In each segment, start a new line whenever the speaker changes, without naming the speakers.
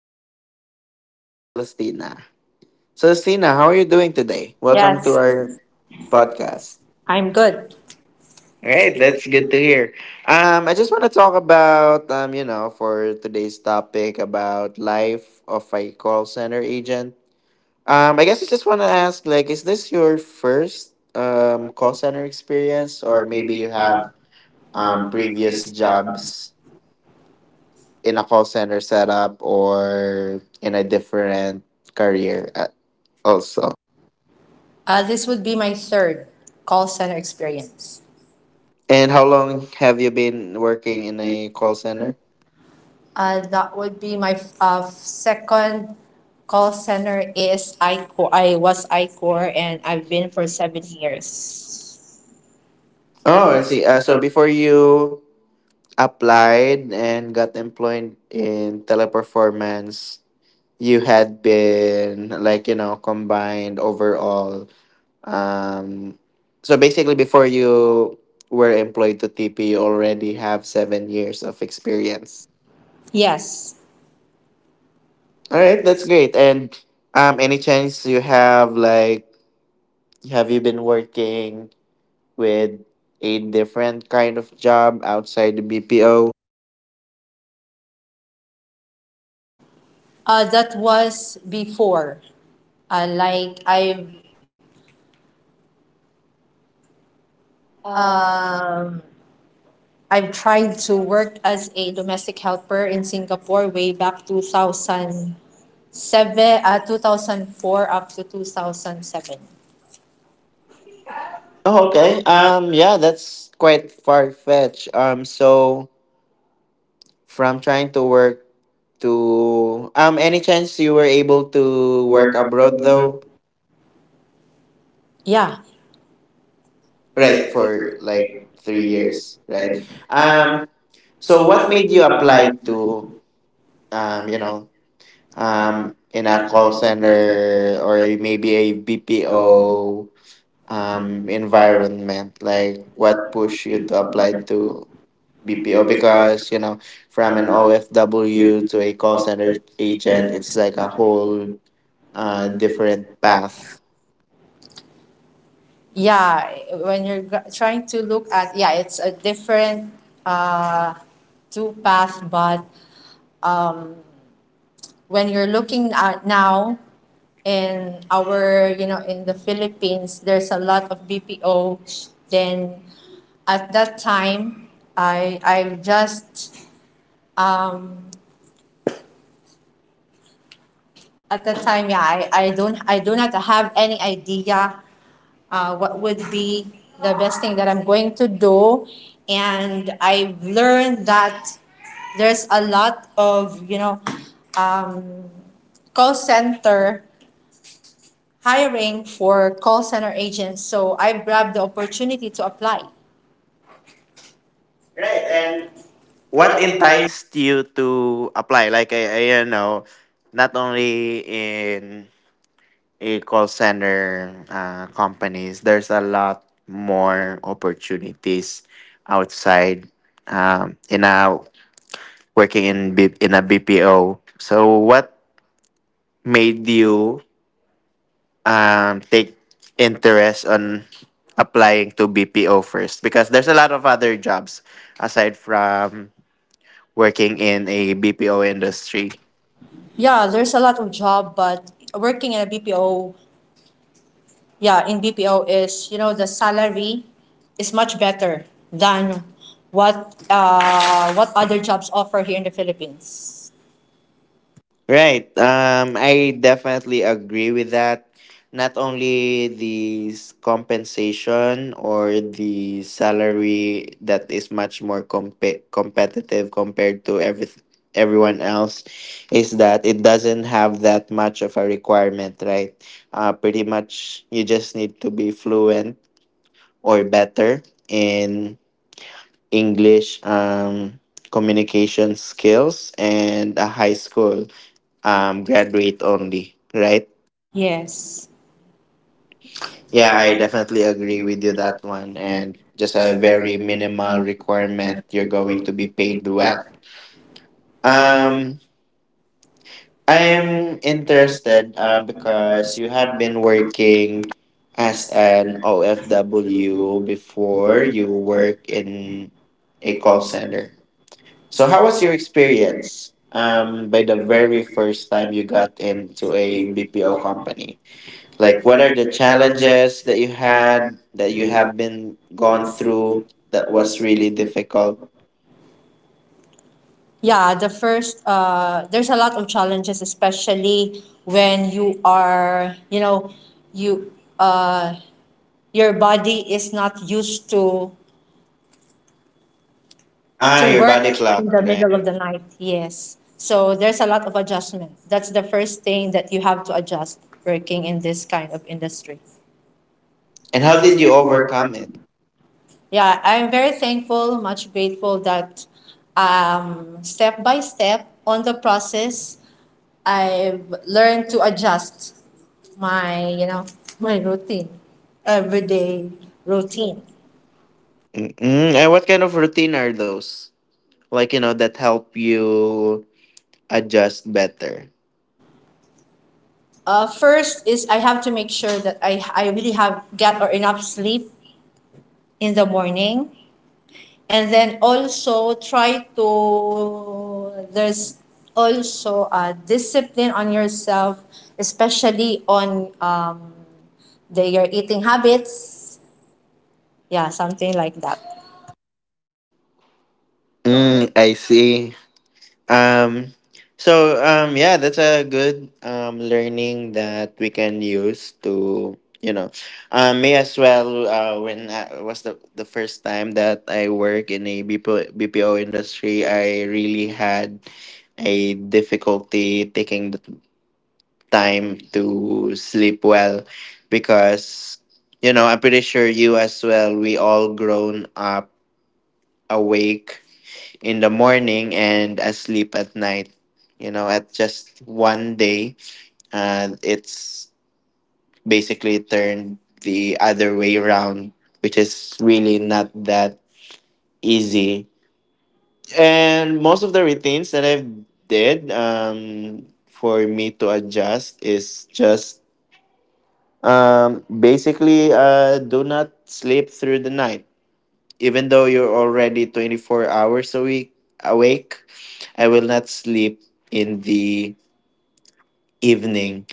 today. I'm Celestina. Celestina, how are you doing today?
Welcome,
Welcome to
yes,
our
to our podcast.
podcast.
I'm good.
All right, that's good to hear. I just want to talk about for today's topic about life of a call center agent. I guess I just want to ask, like, is this your first call center experience, or
We
maybe you have
have
previous
previous jobs.
jobs in a call center setup or in a different career also.
This would be my third call center experience.
And how long have you been working in a call center?
That would be my second call center is ICOR. I was ICOR and I've been for 7 years.
Oh,
Oh,
I
I see.
see. Uh,
That's
so
a,
before you applied and got employed in Teleperformance, you had been like, you know, combined overall. Um, so basically, before you were employed to TP, you already have 7 years of experience.
yes,
All
all
right,
right.
that's
That's
great. And any chance you have, like, have you been working with a different kind of job outside the BPO?
That was before. Like um I've tried to work as a domestic helper in Singapore way back 2007, 2004 up to 2007.
Oh, okay.
Okay.
Yeah, that's quite far fetched. So from trying to work to any chance you were able to
You
work
work
abroad
abroad,
though,
yeah,
right?
right, for
For like
like
three
3 years,
years, right?
right?
Um,
Um,
so
so
what
what made
made you
you apply
apply
to
to
that
um, you know, in a call
college,
center or maybe a
or
BPO environment? Like, what
what would,
pushed you to apply to BPO? Because, you know, from
from
an
an
OFW to a call center agent, it's
origin,
like a whole
different
different
paths?
path.
Yeah, when you're trying to look at, yeah, it's a different uh, two path, but um, when you're looking at now in our, you know, in the Philippines there's a lot of BPO. Then at that time I just um at that time, yeah, I don't, I do not have any idea what would be the best thing that I'm going to do. And I've learned that there's a lot of, you know, um, call center hiring for call center agents, so I grabbed the opportunity to apply. Right. And
What
what entire?
enticed you to apply? Like, I you know, not only in a call center companies, there's a lot more opportunities outside in a working in a BPO. So what made you take interest on applying to BPO first? Because there's a lot of other jobs aside from working in a BPO industry.
Yeah, there's a lot of job, but working in a BPO, yeah, in BPO is, you know, the salary is much better than what other jobs offer here in the Philippines.
Right. I definitely agree with that. Not only the compensation or the salary that is much more competitive compared to everyone else, is that it doesn't have that much of a requirement, right? Pretty much you just need to be fluent or better in English communication skills and a high school graduate only, right?
Yes. Yeah,
Yeah,
I
I definitely agree
agree
with you
with that
that
one.
one,
And
and just
it's
a
a very
very minimal
minimal
requirement.
requirement
You're
to go
going
in
to be
between.
paid
Well,
well.
um,
Um,
I'm
I'm interested
Um,
because
because
you
you
have been working as an
you
OFW before
were you.
you work in a call center. So,
So
how
how
was
was your
your
year?
experience
Um,
by the very first time you got into a
a big
BPO
deal of
company? Like, what are the
challenges
challenges that you had that you
you have
have been gone
gone
through
through
that
that
was
was
really
really difficult.
difficult?
Yeah, the first, there's a lot of challenges, especially when you are, you know, you uh your body is not used to, ah,
Ah,
to, ah, your
your
work
body
body clock in
clock,
the
right?
middle of the night. Yes. So there's a lot of adjustment. That's the first thing that you have to adjust working in this kind of industry.
And
And
how
how
did
did
you
you overcome
overcome
it?
it?
Yeah, I'm very thankful, much grateful that, step by step on the process, I've learned to adjust my, you know, my routine, everyday routine.
Mm-mm. And what kind of routine are those? Like, you know, that help you adjust better.
First is, I have to make sure that I really have get or enough sleep in the morning. And then also try to, there's also a discipline on yourself, especially on the your eating habits. Yeah, something like that.
Mm, I see. Um, yeah, that's a good learning that we can use to me as well. When I was the first time that I work in a BPO industry, I really had a difficulty taking the time to sleep well because you know I'm pretty sure you as well we all grown up awake in the morning and asleep at night. You know, at just one day, it's basically turned the other way around, which is really not that easy. And most of the routines that I've did for me to adjust is just basically do not sleep through the night. Even though you're already 24 hours a week awake, I will not sleep in the evening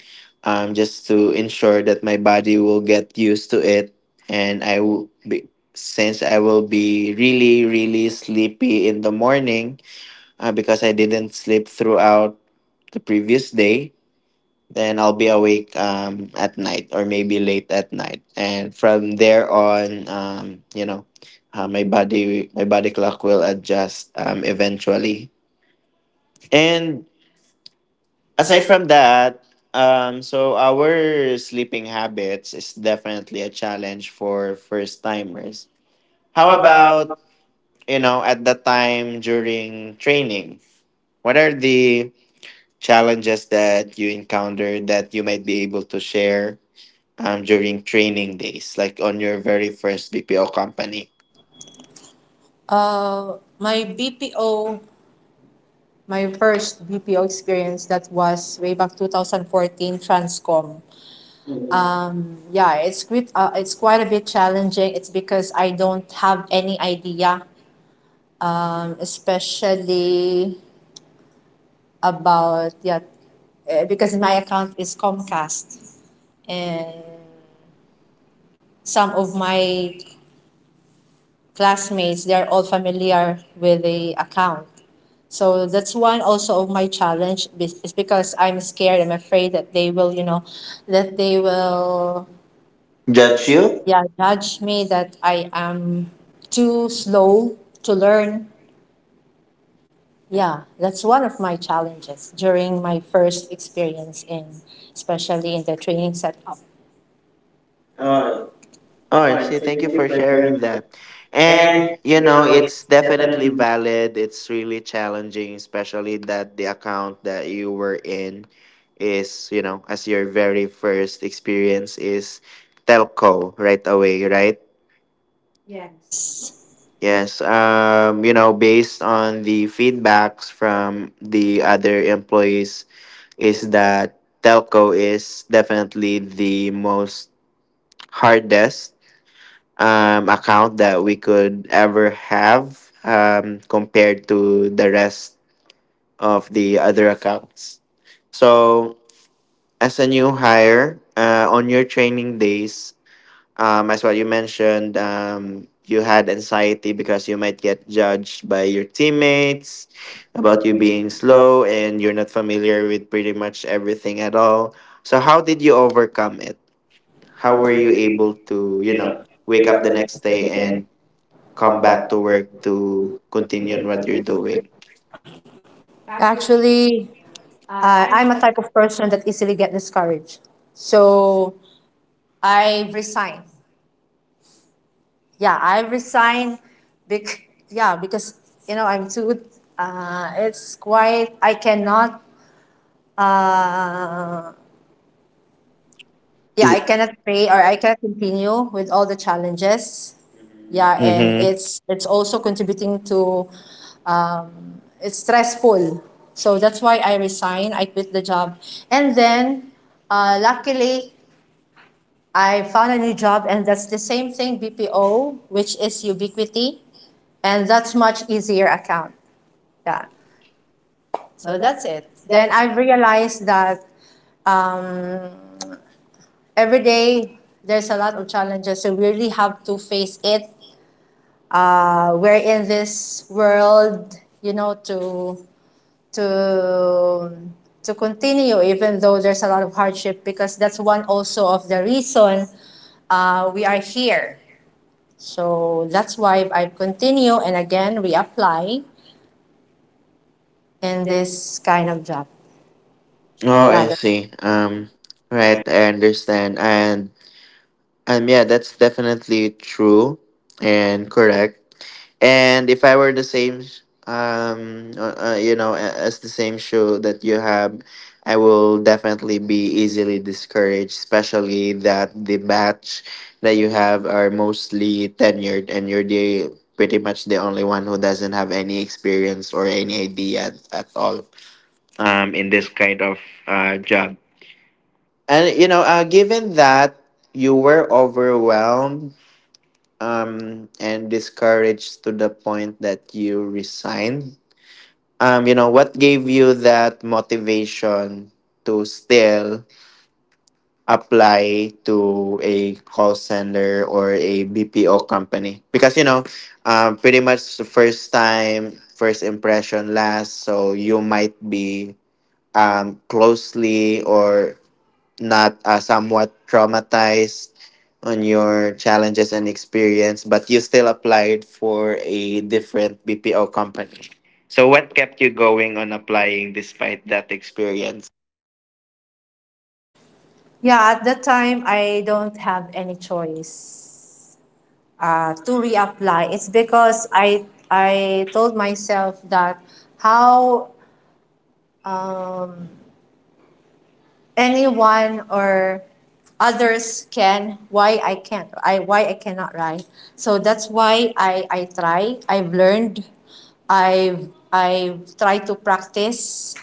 just to ensure that my body will get used to it. And I will be, since I will be really, really sleepy in the morning because I didn't sleep throughout the previous day, then I'll be awake at night or maybe late at night. And from there on, my body clock will adjust eventually. And
Aside
aside
from,
from that, so our sleeping habits is definitely a challenge for first timers.
how
How
about
about you know at the time during training? What are the challenges that you encountered that you might be able to share during training days, like on your very first BPO company,
uh my bpo my first BPO experience that was way back 2014, Transcom. Yeah, it's quite, a bit challenging. It's because I don't have any idea, especially about, yeah, because my account is Comcast, and some of my classmates they are all familiar with the account. So that's one also of my challenge, is because I'm afraid that they will, you know, that they will
judge
judge
you?
you. Yeah, judge me that I am too slow to learn. Yeah, that's one of my challenges during my first experience in, especially in the training setup. Uh,
All
all
right,
right,
see,
so
thank you
thank you
for
for
sharing
sharing.
that.
And,
And, you
you
know,
know,
it's
it's
definitely
definitely
valid. It's really challenging, especially that the account that you were in is, you know, as your very first experience is telco right away, right?
yes. Yeah,
Yes. You know, based on the feedbacks from the other employees is that telco is definitely the most hardest account that we could ever have compared to the rest of the other accounts. So, as a new hire, on your training days, as well, you mentioned you had anxiety because you might get judged by your teammates about you
but we
being
made it. So
slow and you're not familiar with pretty much everything at all. So, how did you overcome it? How were
how
you
were you
able
able
to,
to,
you know,
you know,
wake up the
wake up the
next day
next day
and
and
come
come
back to
back
work to
to
continue on what
continue
you're
my faithful
doing?
faith? Actually, I'm a type of person that easily get discouraged. So I've resigned. Yeah, I resign, yeah, because, you know, I'm too, it's quite, I cannot, uh,
Is
yeah, I
it?
cannot pay, or I cannot continue with all the challenges. Yeah, and
Mm-hmm.
it's also contributing to, it's stressful. So that's why I resign, I quit the job. And then, luckily, I found a new job, and that's the same thing, BPO, which is Ubiquity. And that's much easier account. Yeah. So that's it. Then I realized that, um, every day there's a lot of challenges. So we really have to face it. We're in this world, you know, to to continue even though there's a lot of hardship, because that's one also of the reason we are here. So that's why I continue and again reapply in this kind of job.
Oh,
Yeah.
I
Oh,
see. Right,
that's-
I understand. And yeah, that's definitely true and correct. And if I were the same, you know, as the same shoe that you have, I will definitely be easily discouraged, especially that the batch that you have are mostly tenured and you're the pretty much the only one who doesn't have any experience or any idea at all in this kind of job. And, you know, given that you were overwhelmed and discouraged to the point that you resign? You know, what gave you that motivation to still apply to a call center or a BPO company? Because, you know, pretty much the first time, first impression lasts, so you might be closely or not somewhat traumatized on your challenges and experience, but you still applied for a different BPO company. So, what kept you going on applying despite that experience?
Yeah, at that time, I don't have any choice to reapply. It's because I told myself that, how, um, anyone or others can, why I can't, I why I cannot, right? So that's why I try. I've learned. I've I've tried to practice.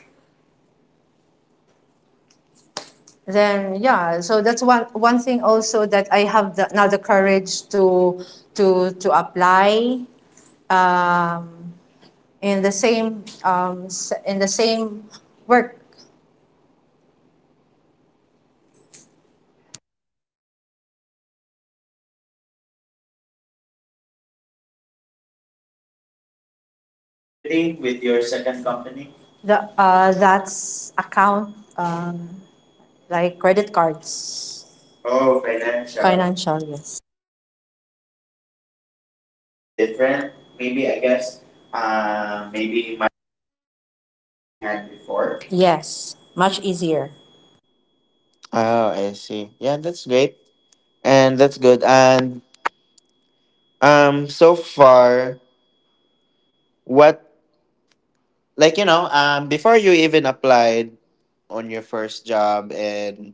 Then, yeah, so that's one thing also that I have the, now the courage to to apply um, in the same, in the same work.
Oh, I see. Um, and what was your account in Ubiquity
Ubiquity
with
with
your
your
second
second company.
company?
The, that's account, um, like credit cards.
Oh,
Oh, financial.
financial.
Financial, yes.
And was it much more different?
Different,
Maybe
maybe
I
I
guess.
guess.
Maybe much more easier than what you had before.
Yes, much easier.
Oh, I see. Yeah, that's great. And that's good. And so far what like you know, before you even applied on your first job in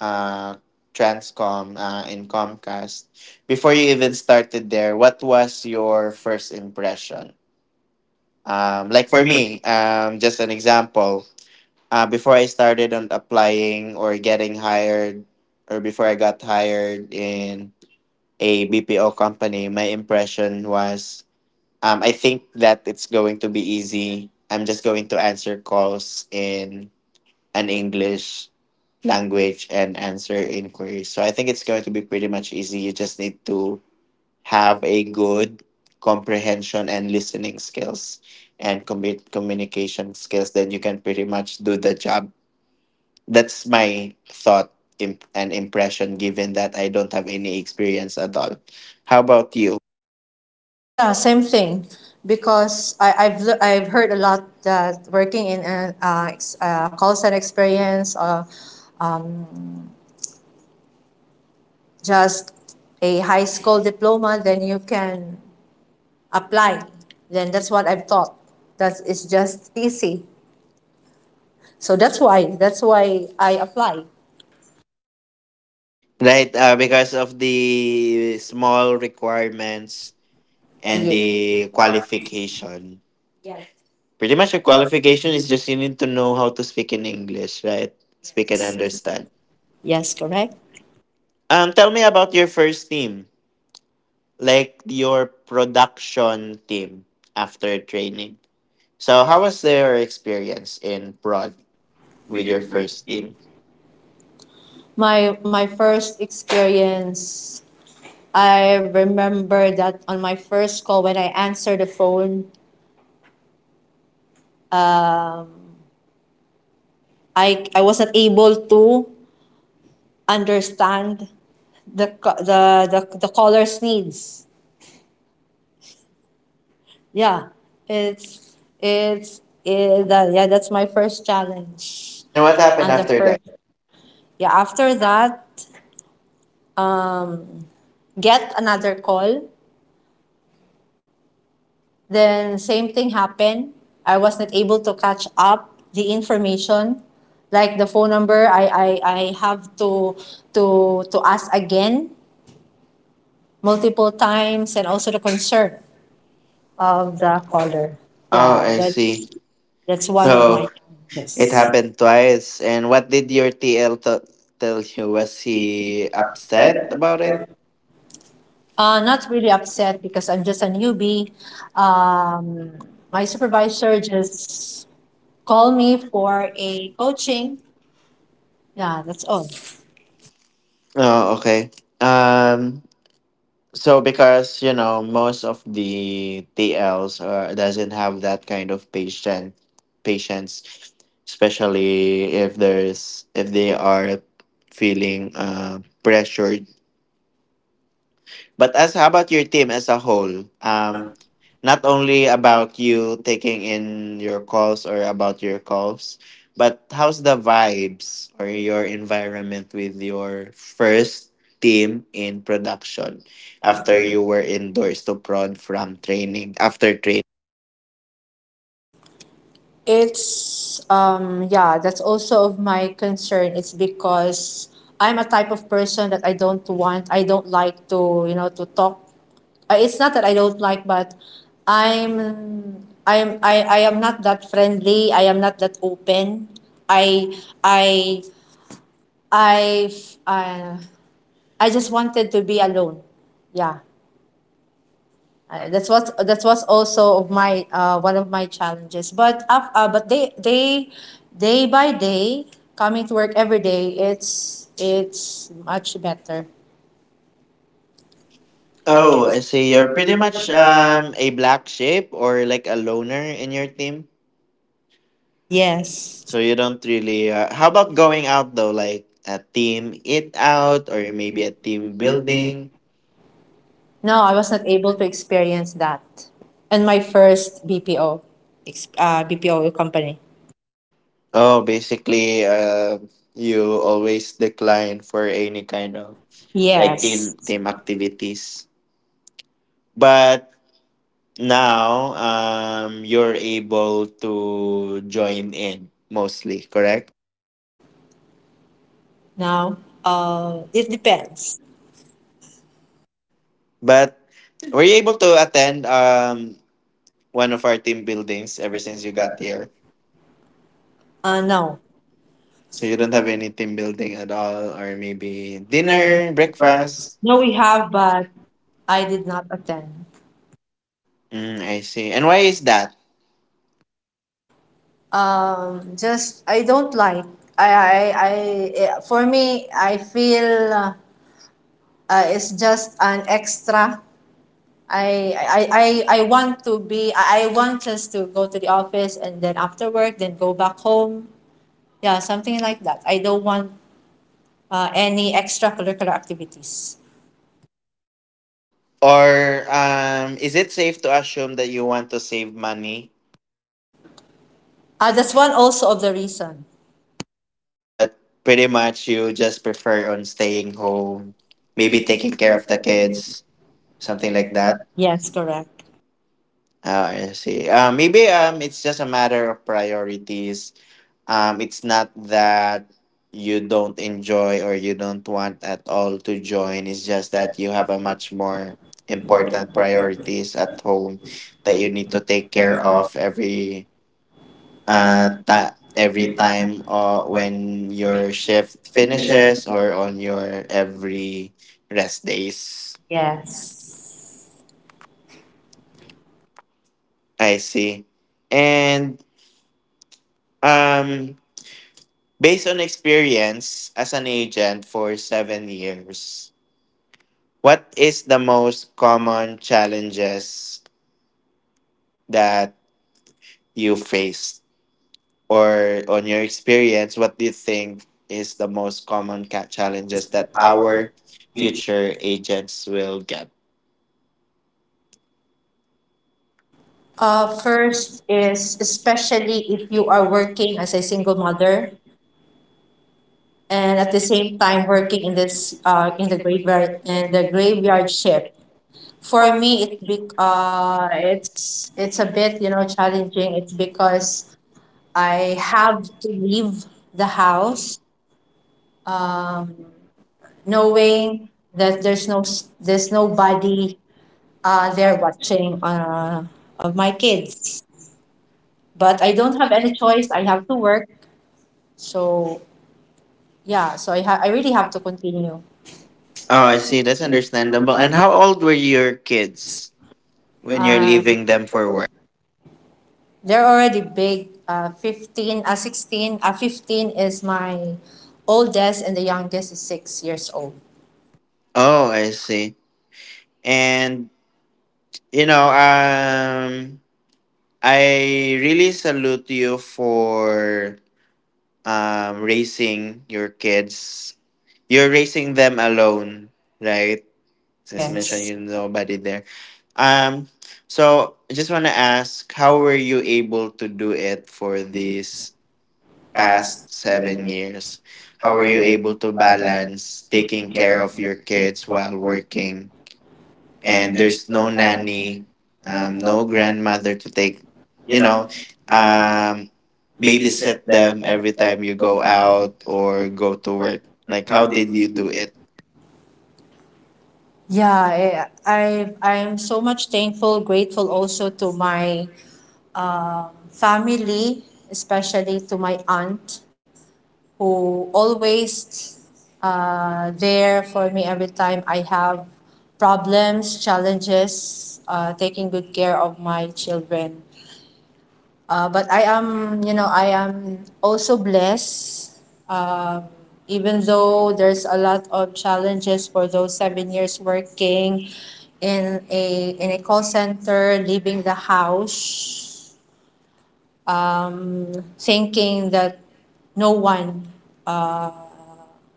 uh Transcom in Comcast, before you even started there, what was your first impression?
Like,
Like for me, just an example, before I started on applying or getting hired or before I got hired in a BPO company, my impression was I think that it's going to be easy. I'm just going to answer calls in an English language and answer inquiries. So I think it's going to be pretty much easy. You just need to have a good comprehension and listening skills and communication skills. Then you can pretty much do the job. That's my thought imp- and impression, given that I don't have any experience at all. How about you?
yeah, same thing. Because I've heard a lot that working in a, call center experience, or um, just a high school diploma, then you can apply. Then that's what I've thought. That is just easy. So that's why I apply.
Right, because of the small requirements
And,
and the qualification. Pretty much, the
Yes,
qualification is just you need to know how to speak in English, right? Speak and
yes,
understand.
yes, correct.
Tell me about your first team, like your production team after training. So, how was your experience in prod with
With
your
your first
first
gig?
team,
My first experience, I remember that on my first call when I answered the phone, I wasn't able to understand the ca- the caller's needs. Yeah, that, yeah, that's my first challenge.
and
And
what
what happened?
happened
And the after?
after that?
First. Yeah, after that, get another call. Then same thing happened. I was not able to catch up the information, like the phone number. I have to ask again multiple times, and also the concern of the caller.
Oh,
Yeah,
I see.
that's one of
So.
just.
It happened twice. And what did your TL tell you? Was he upset about it?
Not really upset, because I'm just a newbie. Um, my supervisor just called me for a coaching. Yeah, that's all.
Oh, okay. Um, so because you know most of the TLs are, doesn't have that kind of patient patience, especially if there's if they are feeling pressured. But as how about your team as a whole? Not only about you taking in your calls or about your calls, but how's the vibes or your environment with your first team in production
After.
after you were indoors to prod from training after training?
It's, yeah, that's also of my concern. It's because I'm a type of person that I don't want, I don't like to, you know, to talk. It's not that I don't like, but I'm I am not that friendly. I am not that open. I I I uh, I just wanted to be alone. Yeah. That was also of my, one of my challenges. But they, day by day coming to work every day, it's much better.
Oh,
Oh,
I
and
see. You're
you're pretty
pretty
much,
much a black sheep or like a loner in your team.
yes,
So you don't really. How about going out though, like a team eat out
out
or
in
maybe
the
a team
building.
building?
No, I was not able to experience that in my first BPO, BPO company.
Oh, basically, you always decline for any kind of like
Yes.
team activities. But now, you're able to join in mostly, correct?
Now, it depends.
But were you able to attend one of our team buildings ever since you got here?
No.
So
So
you don't have any team building at all, or maybe dinner, breakfast.
no, we have, but I did not attend.
Mm, I see. And why is that?
Just I don't like. I I, I for me I feel, it's just an extra. I want to be. I want just to go to the office, and then after work, then go back home. Yeah, something like that. I don't want any extracurricular activities.
Or is it safe to assume that you want to save money,
That's one also of the reason.
but pretty much you just prefer on staying home, maybe taking care of the kids, something like that?
Yes,
Oh, I see. Maybe it's just a matter of priorities. It's not that you don't enjoy or you don't want at all to join. It's just that you have a much more important priorities at home that
correct.
you need to take care of every every
Redesign
time when your shift
vision,
finishes or on your every rest days.
yes.
I see. And um based on experience as an agent for 7 years, what is the most common challenges that you faced? Or on your experience, what do you think is the most common
Challenges
challenges
the
that
power,
our
future.
future agents will get?
First is, especially if you are working as a single mother and at the same time working in this, in the graveyard shift. For me, it's big. It's a bit, you know, challenging. It's because I have to leave the house, um, knowing that, there's no s- there's nobody. They're watching, of my kids, but I don't have any choice. I have to work, so, yeah. So I really have to continue.
Oh, I
Uh,
see. That's understandable. And how old were your kids
when
when you're
you're,
leaving them for work?
they're already big. 15, 16, 15 is my oldest, and the youngest is 6 years old.
Oh, I see. And you know, um I really salute you for raising your kids, you're raising them alone, right? As mentioned,
Yes.
you nobody there. Um, so I just want to ask, how were you able to do it for these
Past
past seven
seven,
years?
how
How were
were
you
you
able to
able to
balance taking
take care
care
of
of your kids while
work,
working? And
and there's,
there's no
and,
nanny,
no,
no grandmother to take,
you
you know,
know,
um, babysit them
the,
every time you go out or go to work. Like, how did you do it?
yeah, I am so much thankful, grateful also to my, family, especially to my aunt, who always, there for me every time I have problems, challenges, taking good care of my children. But I am, you know, I am also blessed. Uh, even though there's a lot of challenges for those 7 years working in a call center, leaving the house, thinking that no one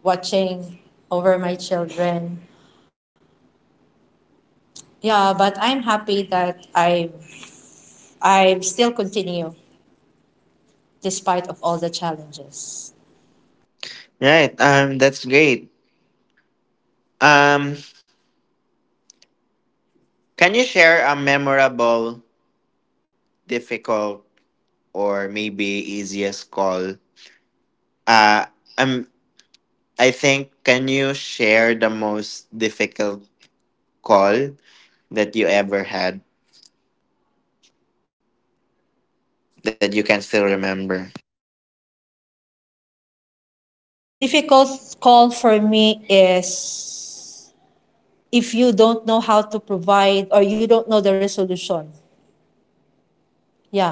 watching over my children. Yeah, but I'm happy that I still continue despite of all the challenges.
Right. That's great. Um, can you share a memorable, difficult, or maybe easiest call? Uh, um, I think, can you share the most difficult call that you ever had that you can still remember?
Difficult call for me is if you don't know how to provide, or you don't know the resolution. Yeah.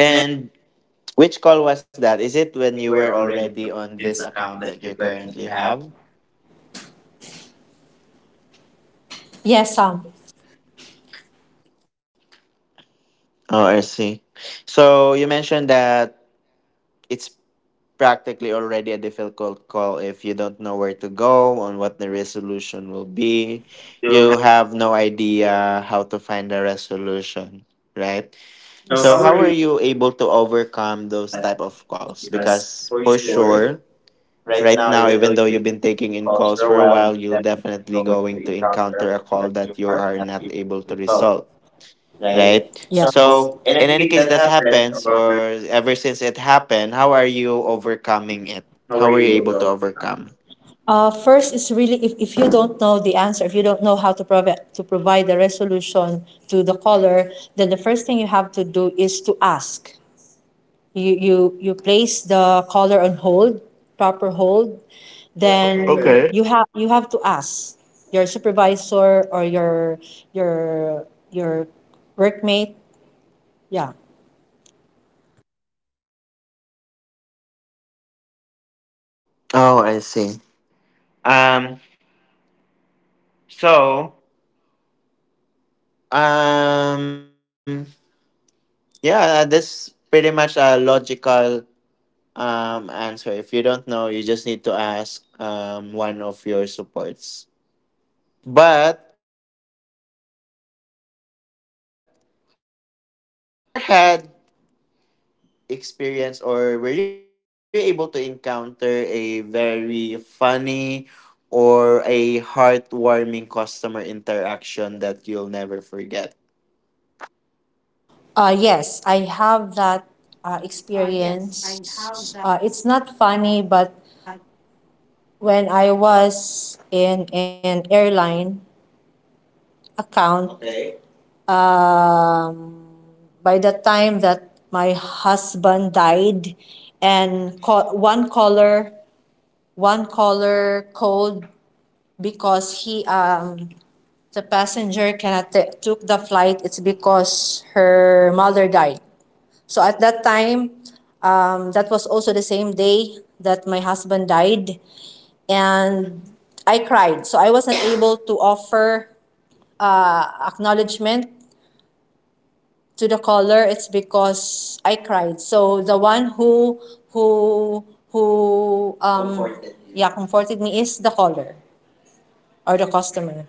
And
which call was that? Is
this,
it
when
when you
you
were
were already
already
in
on this
this account
account
that
that
you
you
currently
currently
have.
have?
Yes, Sam.
Oh, I see. So you mentioned that it's practically already a difficult call if you don't know where to go on what the resolution will be.
So,
You have no idea how to find a resolution, right?
so
So
how? Yes. Are
how
you?
were you able to overcome those
But
type of calls? Because
for
for
sure,
sure
right
right
now,
now,
even though
even though you've
you
been taking in
calls
calls
for
for
a
a
while,
while, you'll definitely going
you
to
encounter
encounter a call that you are not able to
yourself,
resolve.
right?
Right,
Yeah.
so
So, and I
in any
think
case
that
that
happened
happens
for
or ever since it happened, how are you
family.
overcoming it?
How
How
are
were you
you
able to
though?
overcome?
First is really, if you don't know the answer, if you don't know how to provide, the resolution to the caller, then the first thing you have to do is to ask. You place the caller on hold, proper hold,
O-
then, okay,
okay.
you have to ask your supervisor, or your your workmate. Yeah.
Oh, I see. um so um yeah, that's pretty much a logical answer. If you don't know, you just need to ask one of your supports. But I just wanna ask, do you ever had experience or were you able to encounter a very funny or a heartwarming customer interaction that you'll never forget?
Yes, I have that, experience. It's not funny, but when I was in an airline account, okay, um, by the time that my husband died, and, one caller called because he, the passenger cannot took the flight. It's because her mother died. So at that time, that was also the same day that my husband died, and I cried. So I wasn't able to offer, acknowledgement to the caller. It's because I cried. So the one who who comforted me is the caller, or the customer.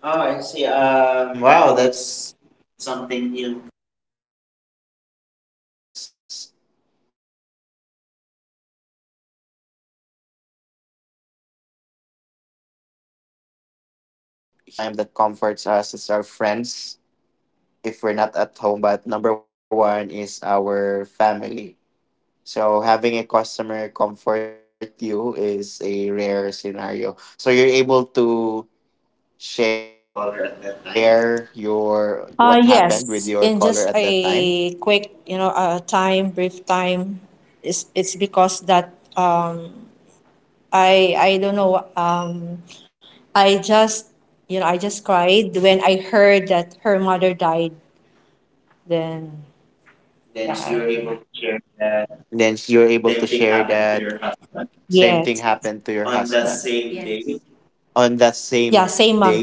Oh, I see.
Oh, I see.
Wow, that's
Wow,
something
that's
new.
something new. Most of us here is first and foremost the most time that comforts us is our friends if we're not at home, but number one is our family. So having a customer comfort you is a rare scenario. So you're able to share your what happened with your caller at that time.
Yes, in just a quick, you know, time brief time, it's because that, I don't know. I just I just cried when I heard that her mother died. Then, yeah, you, were able,
Then you're able to share that
same thing happened to your,
same thing happened to your
yes,
husband
on the same
on
day,
that same day,
yeah, same month.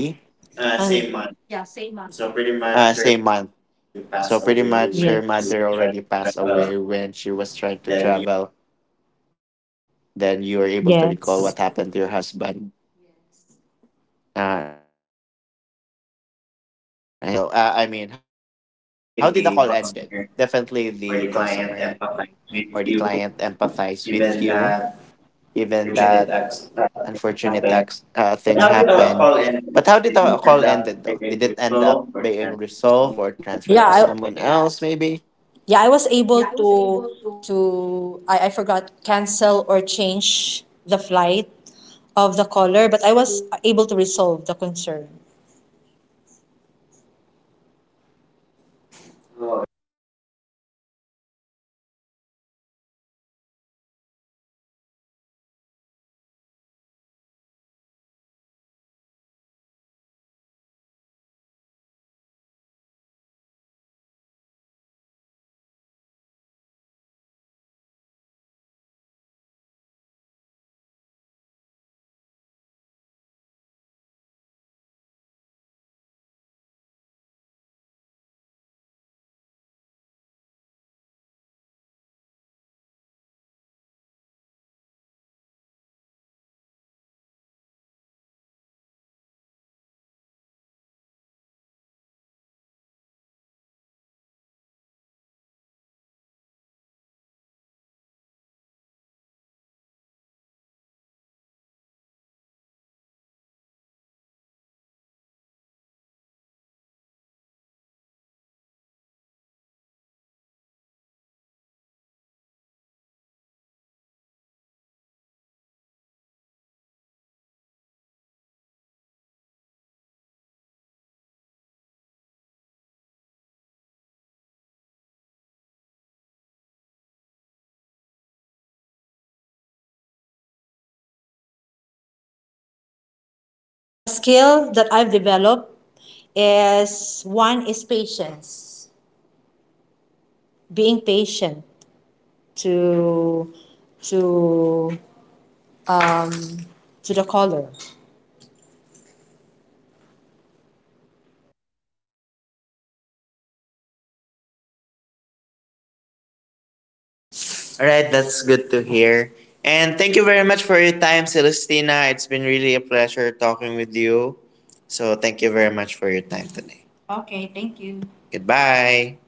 Same month.
same
So
month.
pretty much
So pretty much
already
her mother
you were,
already passed
yes,
away
trying to
when she
travel,
was trying to travel,
then you
then you are able to recall what
husband,
happened to your
yes.
husband. I see. But how did the customer react though? I mean, how did the call
Definitely
ended?
the concept
Definitely the
for the
customer
client
or the
empathize with
client
you,
empathize with you,
given that
given that
fortunate accident
unfortunate
happened.
thing
But how did,
happened.
Paul
But how did the call
end
ended
up?
though? Did it end up
So,
being resolved or
yeah,
transferred to someone else maybe?
yeah, I was able to I forgot, cancel or change the flight of the caller, but I was able to resolve the concern. A skill that I've developed is one is patience, being patient to, to um, to the caller. All right, that's good to hear. And thank you very much for your time, Celestina. It's been really a pleasure talking with you. So thank you very much for your time today. Okay, thank you. Goodbye.